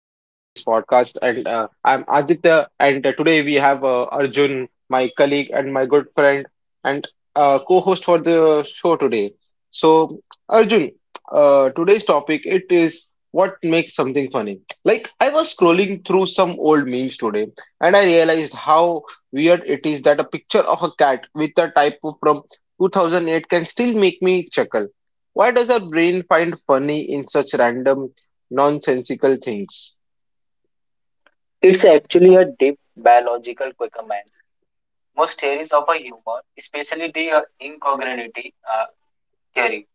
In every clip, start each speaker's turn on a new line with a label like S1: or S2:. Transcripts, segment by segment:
S1: And I'm Aditya, and today we have Arjun, my colleague and my good friend, and co-host for the show today. So, Arjun, today's topic it is what makes something funny. Like I was scrolling through some old memes today, and I realized how weird it is that a picture of a cat with a typo from 2008 can still make me chuckle. Why does our brain find funny in such random, nonsensical things?
S2: It's actually a deep biological quickerman. Most theories of a humor, especially the incongruity theory,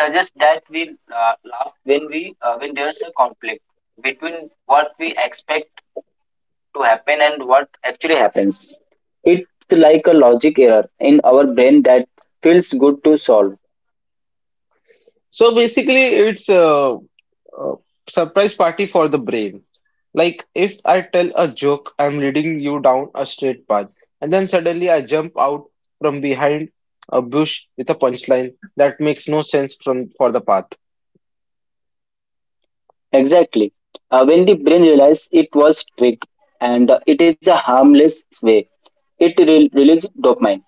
S2: suggest that we laugh when we when there's a conflict between what we expect to happen and what actually happens. It's like a logic error in our brain that feels good to solve.
S1: So basically, it's a surprise party for the brain. Like if I tell a joke, I'm leading you down a straight path, and then suddenly I jump out from behind a bush with a punchline that makes no sense from for the path.
S2: Exactly. When the brain realizes it was tricked and it is a harmless way, it releases dopamine.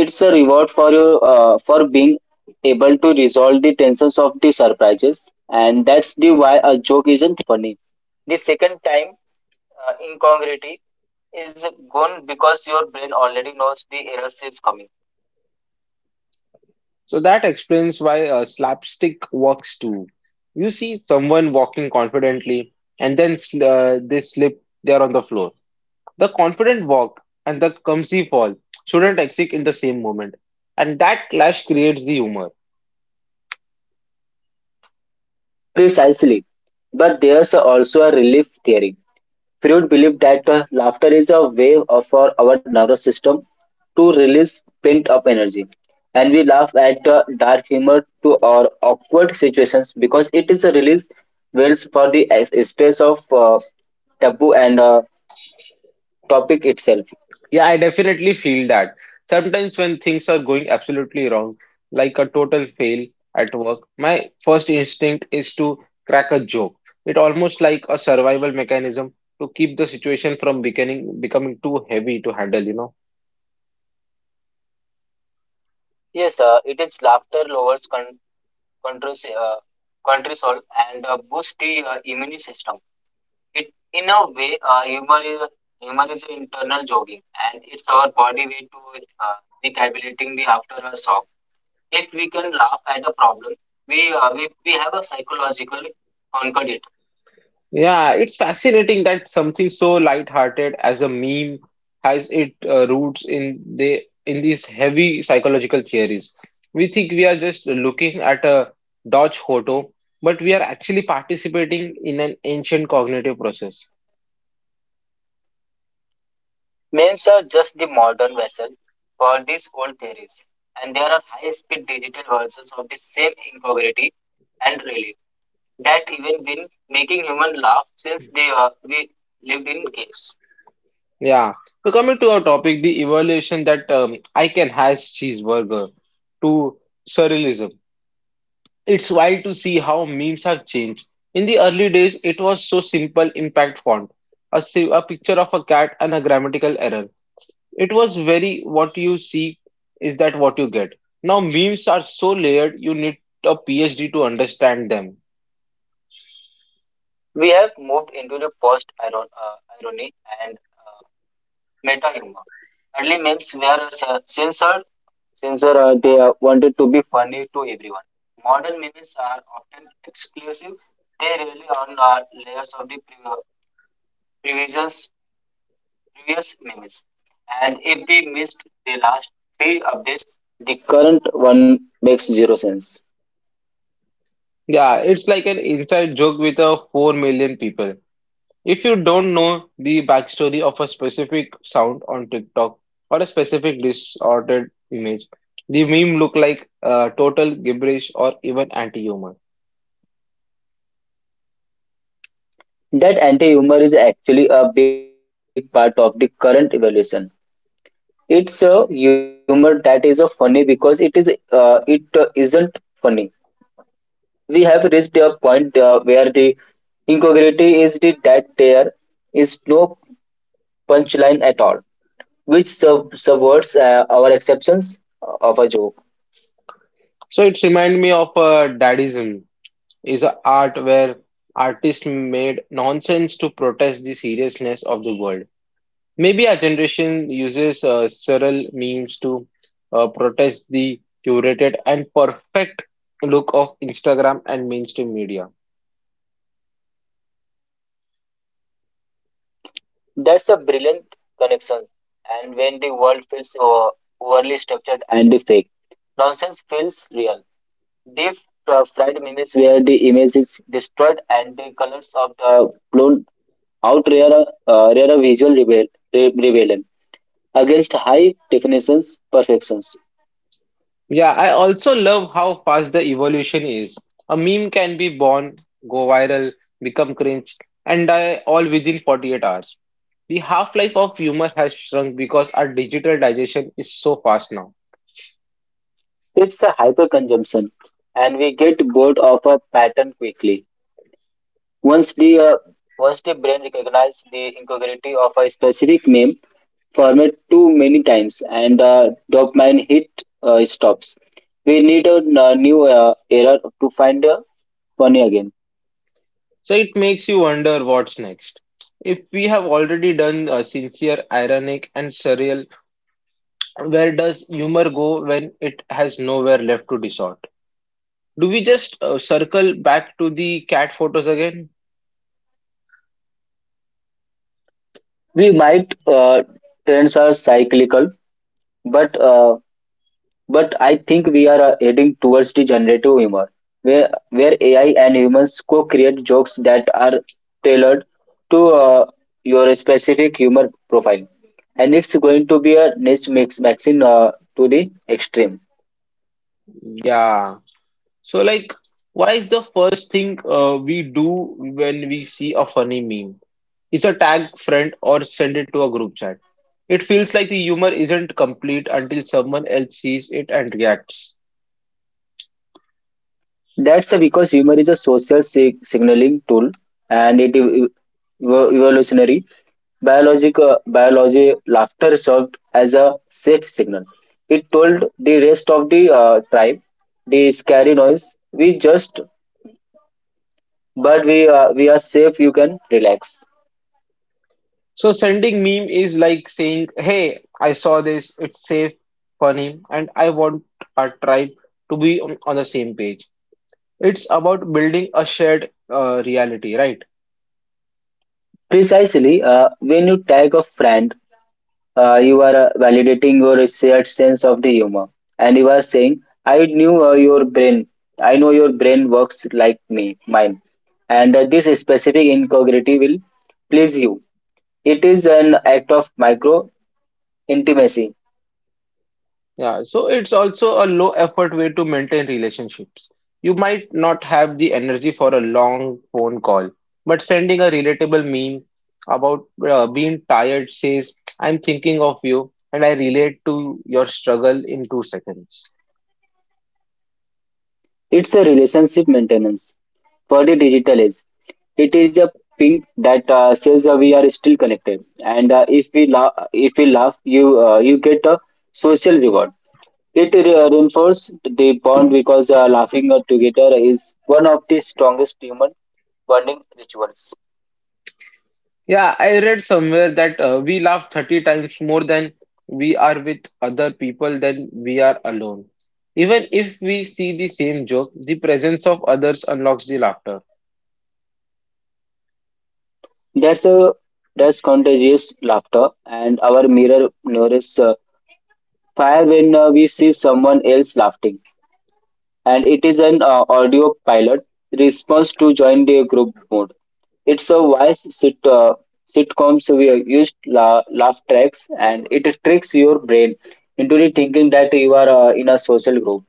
S2: It's a reward for you, for being able to resolve the tensions of the surprises, and that's the why a joke isn't funny. The second time incongruity is gone because your brain already knows the errors is coming.
S1: So that explains why a slapstick works too. You see someone walking confidently, and then they slip, there on the floor. The confident walk and the clumsy fall shouldn't exist in the same moment. And that clash creates the humor.
S2: Precisely, but there's also a relief theory. Freud believed that laughter is a way for our nervous system to release pent-up energy, and we laugh at dark humor to or awkward situations because it is a release wells for the stress of taboo and topic itself.
S1: Yeah, I definitely feel that. Sometimes when things are going absolutely wrong, like a total fail at work, my first instinct is to crack a joke. It almost like a survival mechanism to keep the situation from becoming too heavy to handle.
S2: Yes, it is laughter lowers controls, cortisol and boosts the immune system. It, in a way, humor is internal jogging, and it's our body way to recalibrating the after a shock. If we can laugh at a problem, we, have a psychological conquered it.
S1: Yeah, it's fascinating that something so light-hearted as a meme has its roots in these heavy psychological theories. We think we are just looking at a Dodge photo, but we are actually participating in an ancient cognitive process.
S2: Memes are just the modern vessel for these old theories, and there are high-speed digital versions of the same incongruity and relief that even been making human laugh since they we lived in caves.
S1: Yeah. So coming to our topic, the evolution that I can has cheeseburger to surrealism. It's wild to see how memes have changed. In the early days, it was so simple impact font, a picture of a cat and a grammatical error. It was very what you see is that what you get. Now memes are so layered, you need a PhD to understand them.
S2: We have moved into the post irony and meta humor. Early memes were uh, censored, censored, they wanted to be funny to everyone. Modern memes are often exclusive. They rely on layers of the previous, previous memes. And if they missed the last three updates, the current one makes zero sense.
S1: Yeah, it's like an inside joke with a 4 million people. If you don't know the backstory of a specific sound on TikTok or a specific distorted image, the meme look like total gibberish or even anti-humor.
S2: That anti humor is actually a big part of the current evolution. It's a humor that is a funny because it isn't funny. We have reached a point where the incongruity is the, that there is no punchline at all, which subverts our acceptance of a joke.
S1: So it remind me of daddyism is a art where artists made nonsense to protest the seriousness of the world. Maybe our generation uses several memes to protest the curated and perfect look of Instagram and mainstream media.
S2: That's a brilliant connection. And when the world feels overly structured and the fake, nonsense feels real. Deep fried memes where the image is destroyed and the colors of the blown outrear a, rear a visual rebel, rebellion against high definitions perfections.
S1: Yeah, I also love how fast the evolution is. A meme can be born, go viral, become cringe, and die all within 48 hours. The half-life of humor has shrunk because our digital digestion is so fast now.
S2: It's a hyperconsumption, and we get bored of a pattern quickly. Once the uh, once the brain recognizes the incongruity of a specific meme format too many times, and dopamine hit stops. We need a new era to find funny again.
S1: So it makes you wonder what's next. If we have already done sincere, ironic, and surreal, where does humor go when it has nowhere left to distort? Do we just circle back to the cat photos again?
S2: We might trends are cyclical, but uh, But I think we are heading towards the generative humor, where AI and humans co-create jokes that are tailored to your specific humor profile, and it's going to be a niche mix maxing to the extreme.
S1: Yeah. So, like, why is the first thing we do when we see a funny meme? Is a tag friend or send it to a group chat. It feels like the humor isn't complete until someone else sees it and reacts.
S2: That's because humor is a social signaling tool, and it evolutionary. Biology laughter served as a safe signal. It told the rest of the tribe, the scary noise, we just, but we are safe, you can relax.
S1: So sending meme is like saying, "Hey, I saw this. It's safe, funny, and I want our tribe to be on the same page." It's about building a shared reality, right?
S2: Precisely, when you tag a friend, you are validating your shared sense of the humor. And you are saying, I knew your brain, I know your brain works like mine. And this specific incongruity will please you. It is an act of micro intimacy.
S1: Yeah, so it's also a low effort way to maintain relationships. You might not have the energy for a long phone call, but sending a relatable meme about being tired says, I'm thinking of you and I relate to your struggle in 2 seconds.
S2: It's a relationship maintenance. For the digital age, it is a ping that says we are still connected, and if we laugh, you get a social reward. It reinforces the bond because laughing together is one of the strongest human bonding rituals.
S1: Yeah, I read somewhere that we laugh 30 times more than we are with other people than we are alone. Even if we see the same joke, the presence of others unlocks the laughter.
S2: That's a that's contagious laughter, and our mirror nourishes fire when we see someone else laughing, and it is an audio pilot response to join the group mode. It's a wise sitcom, so we used laugh tracks and it tricks your brain into the thinking that you are in a social group.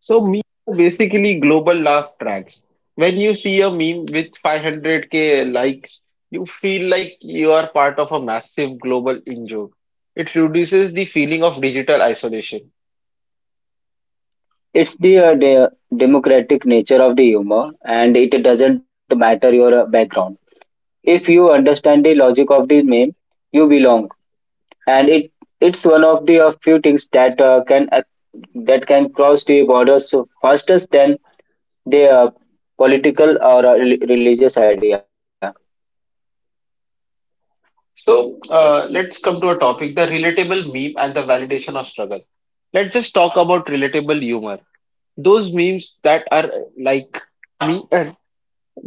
S1: So memes are basically global laugh tracks. When you see a meme with 500K likes, you feel like you are part of a massive global in joke. It reduces the feeling of digital isolation.
S2: It's the democratic nature of the humor and it doesn't matter your background. If you understand the logic of the meme, you belong, and it's one of the few things that can cross the borders so faster than the political or religious idea.
S1: So let's come to a topic, the relatable meme and the validation of struggle. Let's just talk about relatable humor. Those memes that are like me and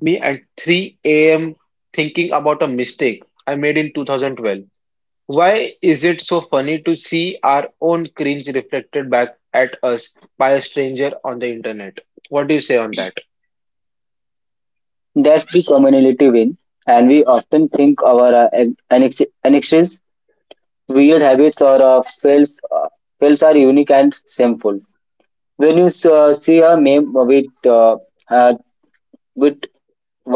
S1: me at 3 a.m. thinking about a mistake I made in 2012. Why is it so funny to see our own cringe reflected back at us by a stranger on the internet? What do you say on that?
S2: That's the community win, and we often think our annexes, weird habits, or fails are unique and shameful. When you see a meme uh, with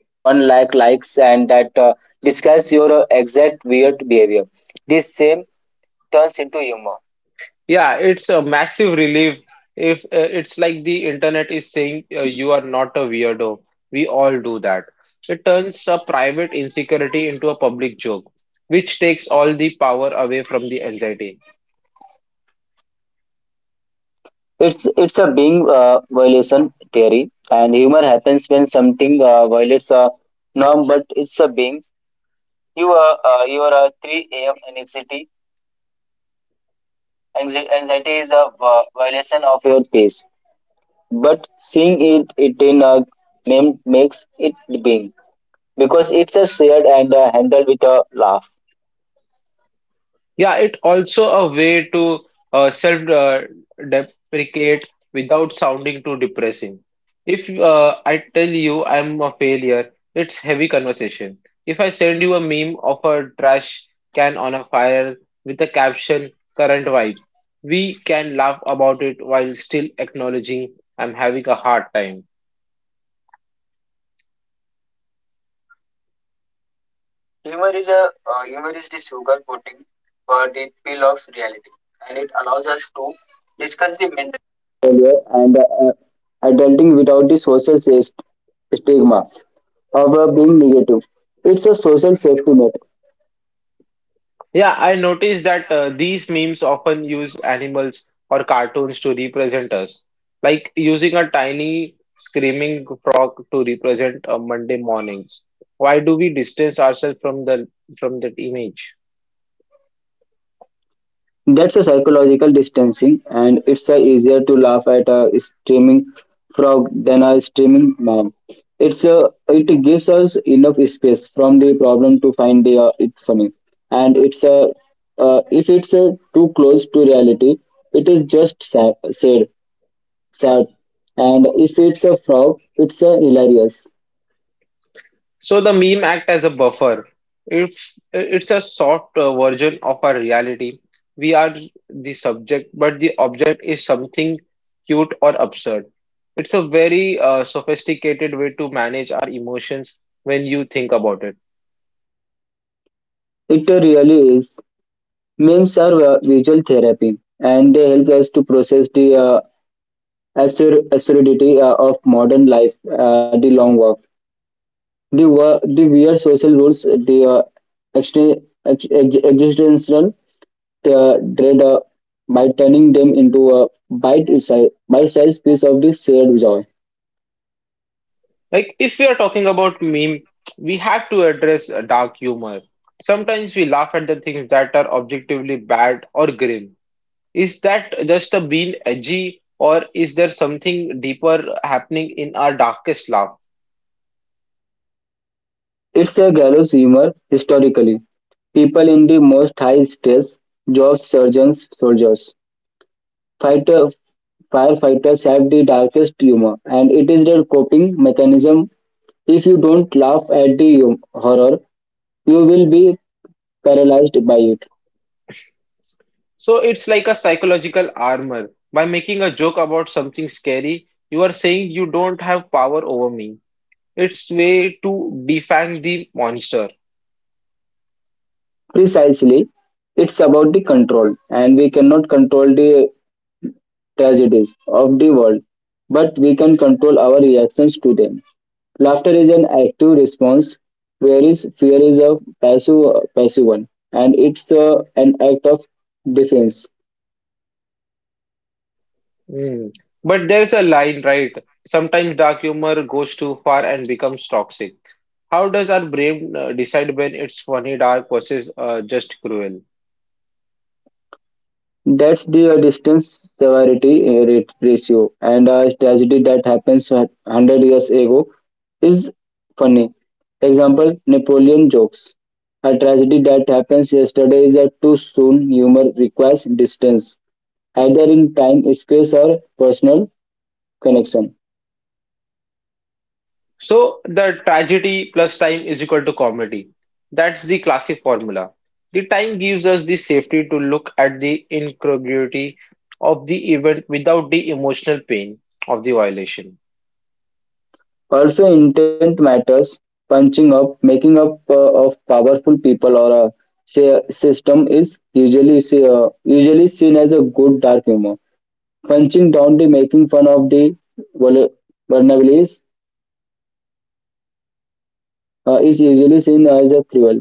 S2: one likes and that describes your exact weird behavior, this same turns into humor.
S1: Yeah, it's a massive relief if it's like the internet is saying you are not a weirdo. We all do that. It turns a private insecurity into a public joke, which takes all the power away from the anxiety.
S2: It's a being violation theory, and humor happens when something violates a norm, but it's a being. You are a three a.m. anxiety. Anxiety is a violation of your pace, but seeing it in a meme makes it being because it's a shared and handled with a laugh.
S1: Yeah, it also a way to self deprecate without sounding too depressing. If I tell you I'm a failure, it's heavy conversation. If I send you a meme of a trash can on a fire with a caption current vibe, we can laugh about it while still acknowledging I'm having a hard time.
S2: Humor is a humor is the sugar coating for the pill of reality, and it allows us to discuss the mental failure and adulting without the social stigma of being negative. It's a social safety net.
S1: Yeah, I noticed that these memes often use animals or cartoons to represent us, like using a tiny screaming frog to represent Monday mornings. Why do we distance ourselves from the from that image?
S2: That's a psychological distancing, and it's a easier to laugh at a streaming frog than a streaming mom. It gives us enough space from the problem to find it funny, and it's a if it's too close to reality, it is just sad, and if it's a frog, it's a hilarious.
S1: So the meme act as a buffer. It's a soft version of our reality. We are the subject, but the object is something cute or absurd. It's a very sophisticated way to manage our emotions when you think about it.
S2: It really is. Memes are visual therapy, and they help us to process the absurdity of modern life, the long walk, the weird social rules, the existential dread by turning them into a bite-sized piece of the shared joy.
S1: Like if we are talking about meme, we have to address dark humor. Sometimes we laugh at the things that are objectively bad or grim. Is that just a being edgy, or is there something deeper happening in our darkest laugh?
S2: It's a gallows humor historically. People in the most high-stress jobs, surgeons, soldiers, fighter, firefighters have the darkest humor, and it is their coping mechanism. If you don't laugh at the horror, you will be paralyzed by it.
S1: So it's like a psychological armor. By making a joke about something scary, you are saying you don't have power over me. It's way to defang the monster.
S2: Precisely, it's about the control, and we cannot control the tragedies of the world, but we can control our reactions to them. Laughter is an active response, whereas fear is a passive one, and it's an act of defense.
S1: Hmm. But there's a line, right? Sometimes dark humor goes too far and becomes toxic. How does our brain decide when it's funny, dark versus just cruel?
S2: That's the distance severity rate ratio, and a tragedy that happens a hundred years ago is funny. Example: Napoleon jokes. A tragedy that happens yesterday is a too soon humor requires distance, either in time, space, or personal connection.
S1: So the tragedy plus time is equal to comedy. That's the classic formula. The time gives us the safety to look at the incongruity of the event without the emotional pain of the violation.
S2: Also, intent matters. Punching up, making up of powerful people or a say, system is usually seen as a good dark humor. Punching Dowdy, making fun of the vul- vulnerabilities, is usually seen as a cruel.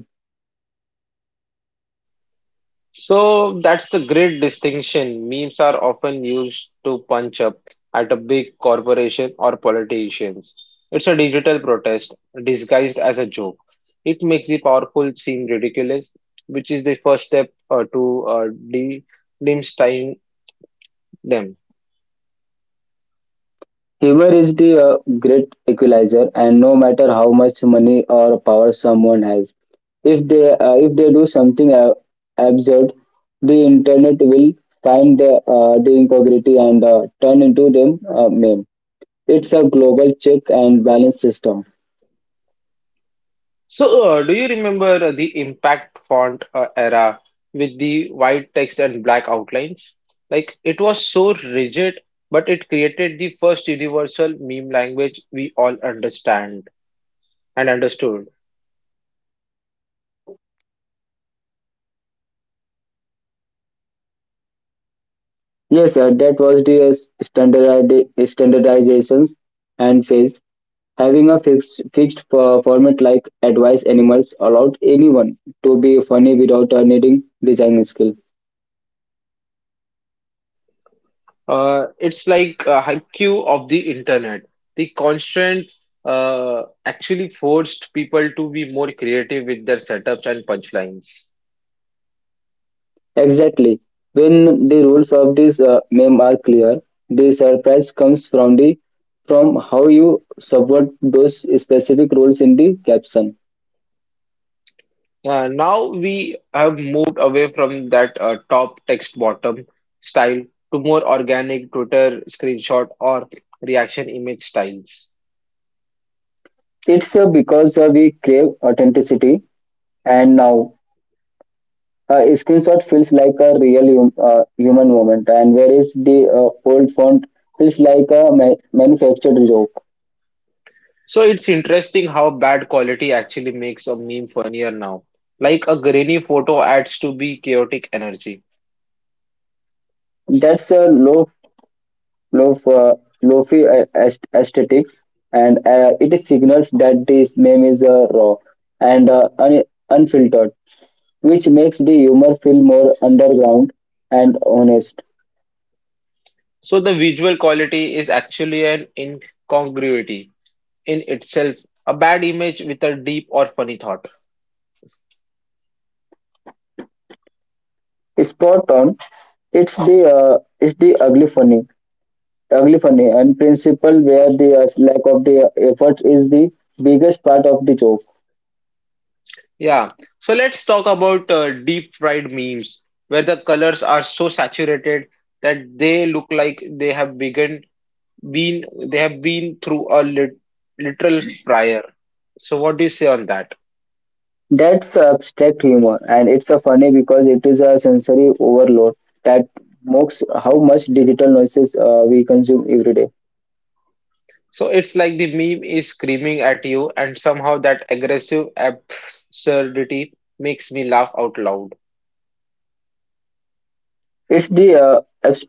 S1: So that's a great distinction. Memes are often used to punch up at a big corporation or politicians. It's a digital protest disguised as a joke. It makes the powerful seem ridiculous, which is the first step to de demystifying them.
S2: Humor is the great equalizer, and no matter how much money or power someone has, if they do something absurd, the internet will find the incongruity and turn into them meme. It's a global check and balance system.
S1: So, do you remember the impact font era with the white text and black outlines? Like it was so rigid, but it created the first universal meme language we all understand and understood.
S2: Yes, sir, that was the standard standardizations and phase. Having a fixed for format like Advice Animals allowed anyone to be funny without needing design skill.
S1: It's like a haiku of the internet. The constraints actually forced people to be more creative with their setups and punchlines.
S2: Exactly. When the rules of this meme are clear, the surprise comes from the from how you subvert those specific rules in the caption.
S1: Now we have moved away from that top text bottom style to more organic Twitter screenshot or reaction image styles.
S2: It's because we crave authenticity, and now a screenshot feels like a real human moment, and whereas the old font feels like a manufactured joke.
S1: So it's interesting how bad quality actually makes a meme funnier now. Like a grainy photo adds to be chaotic energy.
S2: That's a low, uh, lofi aesthetics, and it signals that this meme is raw and unfiltered, which makes the humor feel more underground and honest.
S1: So the visual quality is actually an incongruity in itself, a bad image with a deep or funny thought.
S2: Spot on. It's the ugly funny, and principle where the lack of the effort is the biggest part of the joke.
S1: Yeah, so let's talk about deep fried memes where the colors are so saturated that they look like they have been through a literal fryer. So what do you say on that?
S2: That's abstract humor, and it's a funny because it is a sensory overload that mocks how much digital noises we consume every day.
S1: So it's like the meme is screaming at you, and somehow that aggressive absurdity makes me laugh out loud.
S2: It's the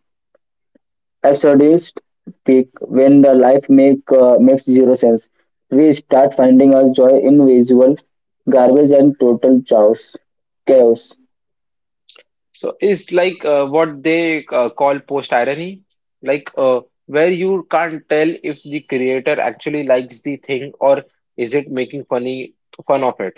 S2: absurdist peak when the life makes zero sense. We start finding our joy in visual garbage and total chaos. Chaos.
S1: So it's like what they call post irony, like where you can't tell if the creator actually likes the thing or is it making fun of it.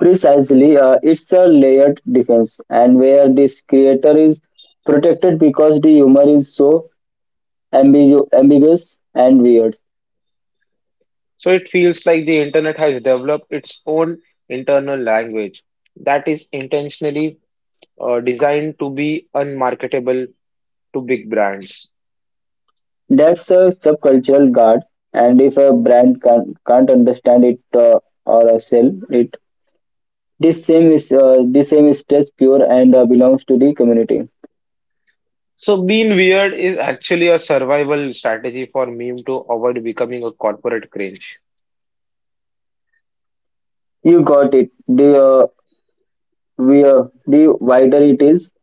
S2: Precisely, it's a layered defense, and where this creator is protected because the humor is so ambiguous and weird.
S1: So it feels like the internet has developed its own internal language that is intentionally designed to be unmarketable to big brands.
S2: That's a subcultural guard, and if a brand can't understand it or sell it, this same is just pure and belongs to the community.
S1: So being weird is actually a survival strategy for meme to avoid becoming a corporate cringe.
S2: You got it. The wider it is,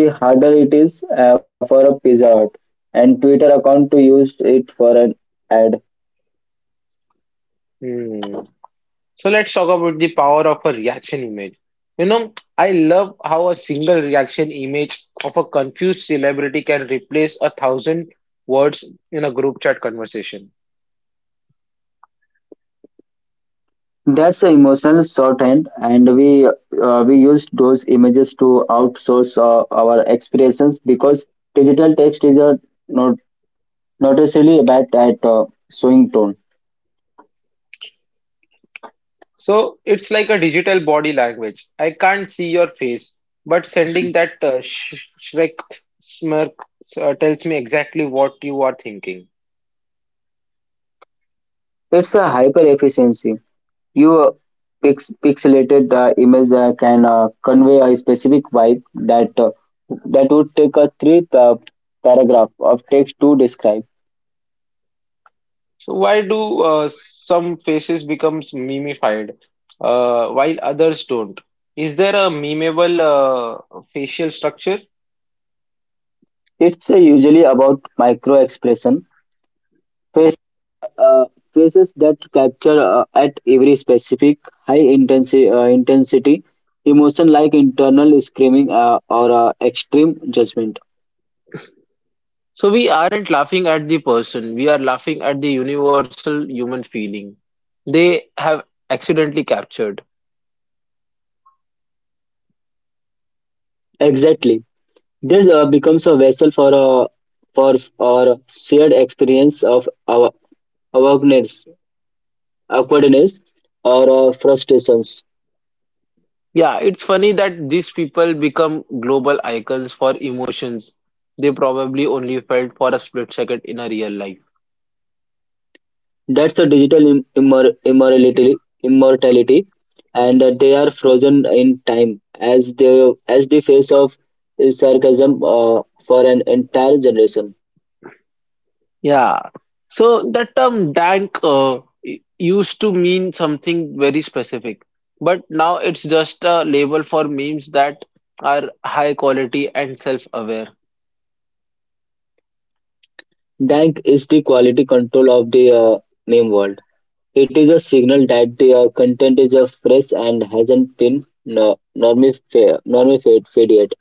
S2: the harder it is for a Pizza Hut and Twitter account to use it for an ad.
S1: Hmm. So let's talk about the power of a reaction image. You know, I love how a single reaction image of a confused celebrity can replace a thousand words in a group chat conversation.
S2: That's an emotional shorthand, and we use those images to outsource our expressions because digital text is a not not bad at showing tone.
S1: So it's like a digital body language. I can't see your face, but sending that sh Shrek smirk tells me exactly what you are thinking.
S2: It's a hyper efficiency. You uh, pixelated image can convey a specific vibe that uh, that would take a three paragraph of text to describe.
S1: So why do some faces becomes memified while others don't? Is there a memeable facial structure?
S2: It's usually about micro expression, face, uh, faces that capture at every specific high intensity intensity emotion like internal screaming or extreme judgment.
S1: So we aren't laughing at the person, we are laughing at the universal human feeling they have accidentally captured.
S2: Exactly. This becomes a vessel for our shared experience of our awareness, awkwardness, or frustrations.
S1: Yeah, it's funny that these people become global icons for emotions they probably only felt for a split second in a real life.
S2: That's a digital immortality, and they are frozen in time as the face of sarcasm for an entire generation.
S1: Yeah. So the term dank used to mean something very specific, but now it's just a label for memes that are high quality and self-aware.
S2: Dank is the quality control of the meme world. It is a signal that the content is fresh and hasn't been normified fed yet.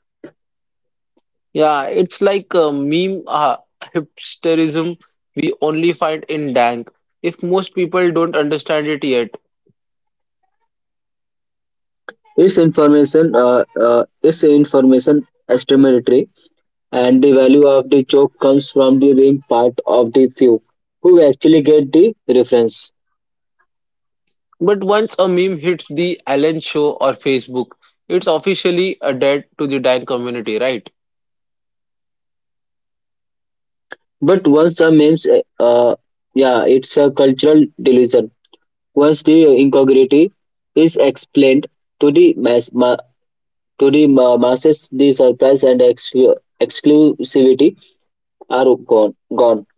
S1: Yeah, it's like a meme hipsterism we only find in dank if most people don't understand it yet.
S2: Its information estimatory, and the value of the joke comes from the being part of the few who actually get the reference.
S1: But once a meme hits the Allen show or Facebook, it's officially a debt to the dank community, right?
S2: But once a memes, Yeah, it's a cultural delusion. Once the incongruity is explained to to the masses, the surprise and exclusivity are gone.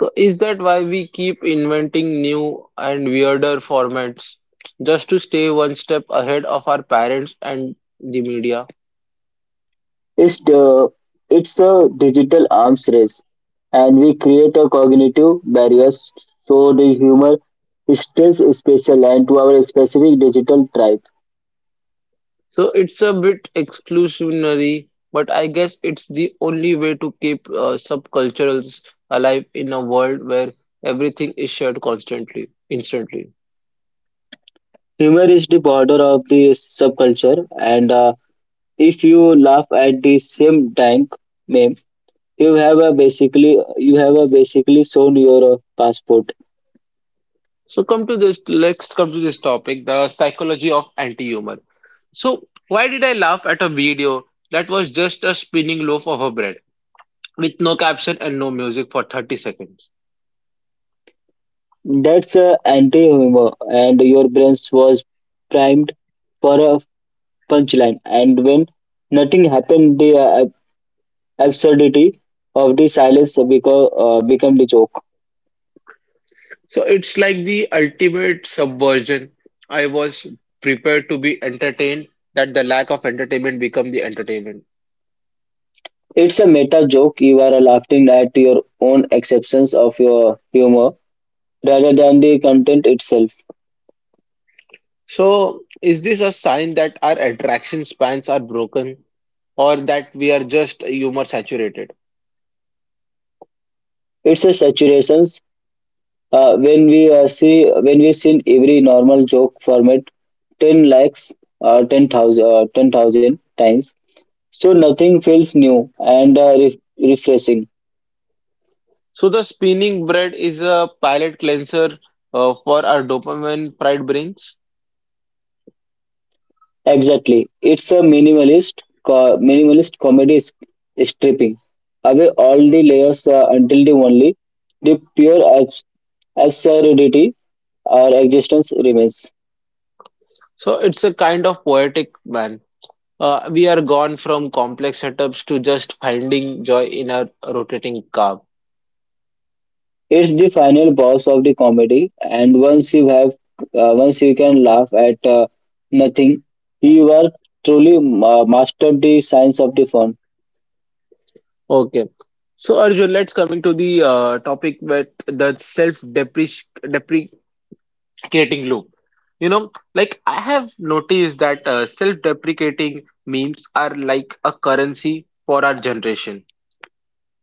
S1: So is that why we keep inventing new and weirder formats just to stay one step ahead of our parents and the media?
S2: It's the it's a digital arms race, and we create a cognitive barriers so the humor stays special and to our specific digital tribe.
S1: So it's a bit exclusionary, but I guess it's the only way to keep subcultures alive in a world where everything is shared constantly, instantly.
S2: Humor is the border of the subculture, and if you laugh at the same tank name, you have a basically shown your passport.
S1: So come to this, let's come to this topic, the psychology of anti-humor. So why did I laugh at a video that was just a spinning loaf of a bread with no caption and no music for 30 seconds?
S2: That's anti humor, and your brains was primed for a punchline. And when nothing happened, the absurdity of the silence become the joke.
S1: So it's like the ultimate subversion. I was prepared to be entertained, that the lack of entertainment become the entertainment.
S2: It's a meta joke. You are laughing at your own exceptions of your humor rather than the content itself.
S1: So is this a sign that our attraction spans are broken or that we are just humor saturated?
S2: It's a saturations. When we seen every normal joke format, ten likes, 10,000, 10,000 times. So nothing feels new and refreshing.
S1: So the spinning bread is a palate cleanser for our dopamine fried brains.
S2: Exactly. It's a minimalist, minimalist comedy stripping away all the layers until the pure absurdity or existence remains.
S1: So it's a kind of poetic man. We are gone from complex setups to just finding joy in a rotating car.
S2: It's the final boss of the comedy, and once you can laugh at nothing, you are truly mastered the science of the fun.
S1: Okay. So Arjun, let's coming to the topic with the self-deprecating loop. Like I have noticed that self-deprecating memes are like a currency for our generation.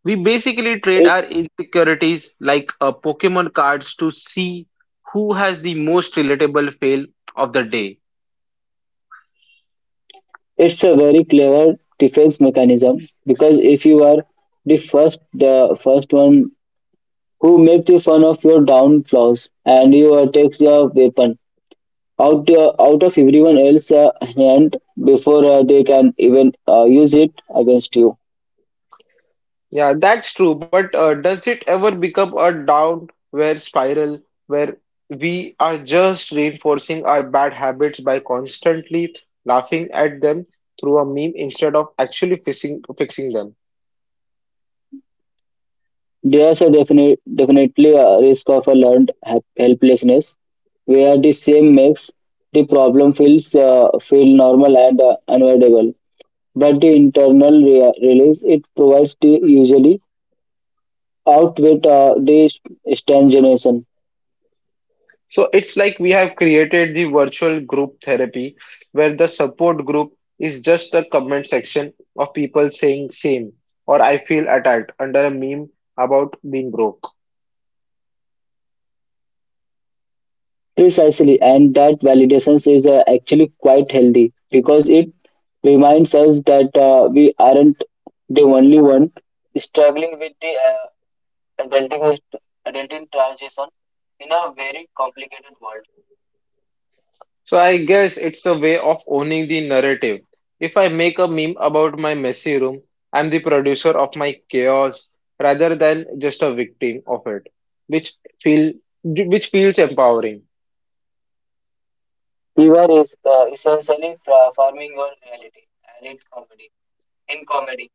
S1: We basically trade
S2: It,
S1: our insecurities like Pokemon cards to see who has the most relatable fail of the day.
S2: it's a very clever defense mechanism because if you are the first one who make the fun of your down flaws, and you take the weapon out out of everyone else's hand before they can even use it against you.
S1: Yeah, that's true. But does it ever become a downward spiral where we are just reinforcing our bad habits by constantly laughing at them through a meme instead of actually fixing them?
S2: There's a definitely a risk of a learned helplessness, where the same makes the problem feel normal and unavoidable, but the internal release it provides the usually outweighs the stimulation.
S1: So it's like we have created the virtual group therapy where the support group is just a comment section of people saying same or I feel attacked under a meme about being broke.
S2: Precisely, and that validation is actually quite healthy because it reminds us that we aren't the only one struggling with the adulting, adulting transition in a very complicated world.
S1: So I guess it's a way of owning the narrative. If I make a meme about my messy room, I'm the producer of my chaos rather than just a victim of it, which feel which feels empowering.
S2: We were is, essentially farming our reality and in comedy. In comedy,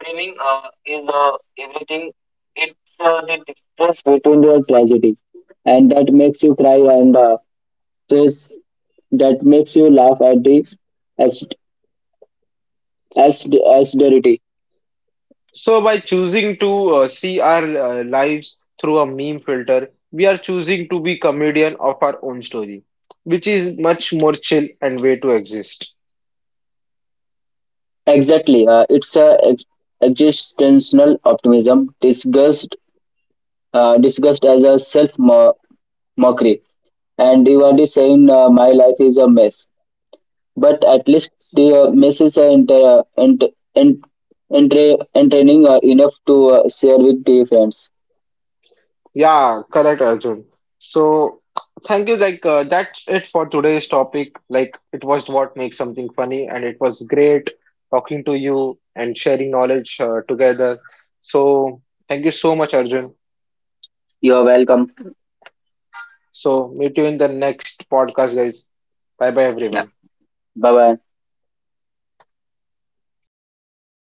S2: framing is everything. It's the difference between your tragedy, and that makes you cry and stress that makes you laugh at the abs- absurdity.
S1: So by choosing to see our lives through a meme filter, we are choosing to be comedian of our own story, which is much more chill and way to exist.
S2: Exactly, it's a existential optimism disguised as a self mockery. And you are just saying my life is a mess, but at least the mess is ent- entertaining enough to share with the friends.
S1: Yeah, correct, Arjun. So, thank you. Like, that's it for today's topic. Like, it was what makes something funny, and it was great talking to you and sharing knowledge together. So, thank you so much, Arjun.
S2: You are welcome.
S1: So, meet you in the next podcast, guys. Bye bye,
S2: Yeah.
S1: everyone.
S2: Bye bye.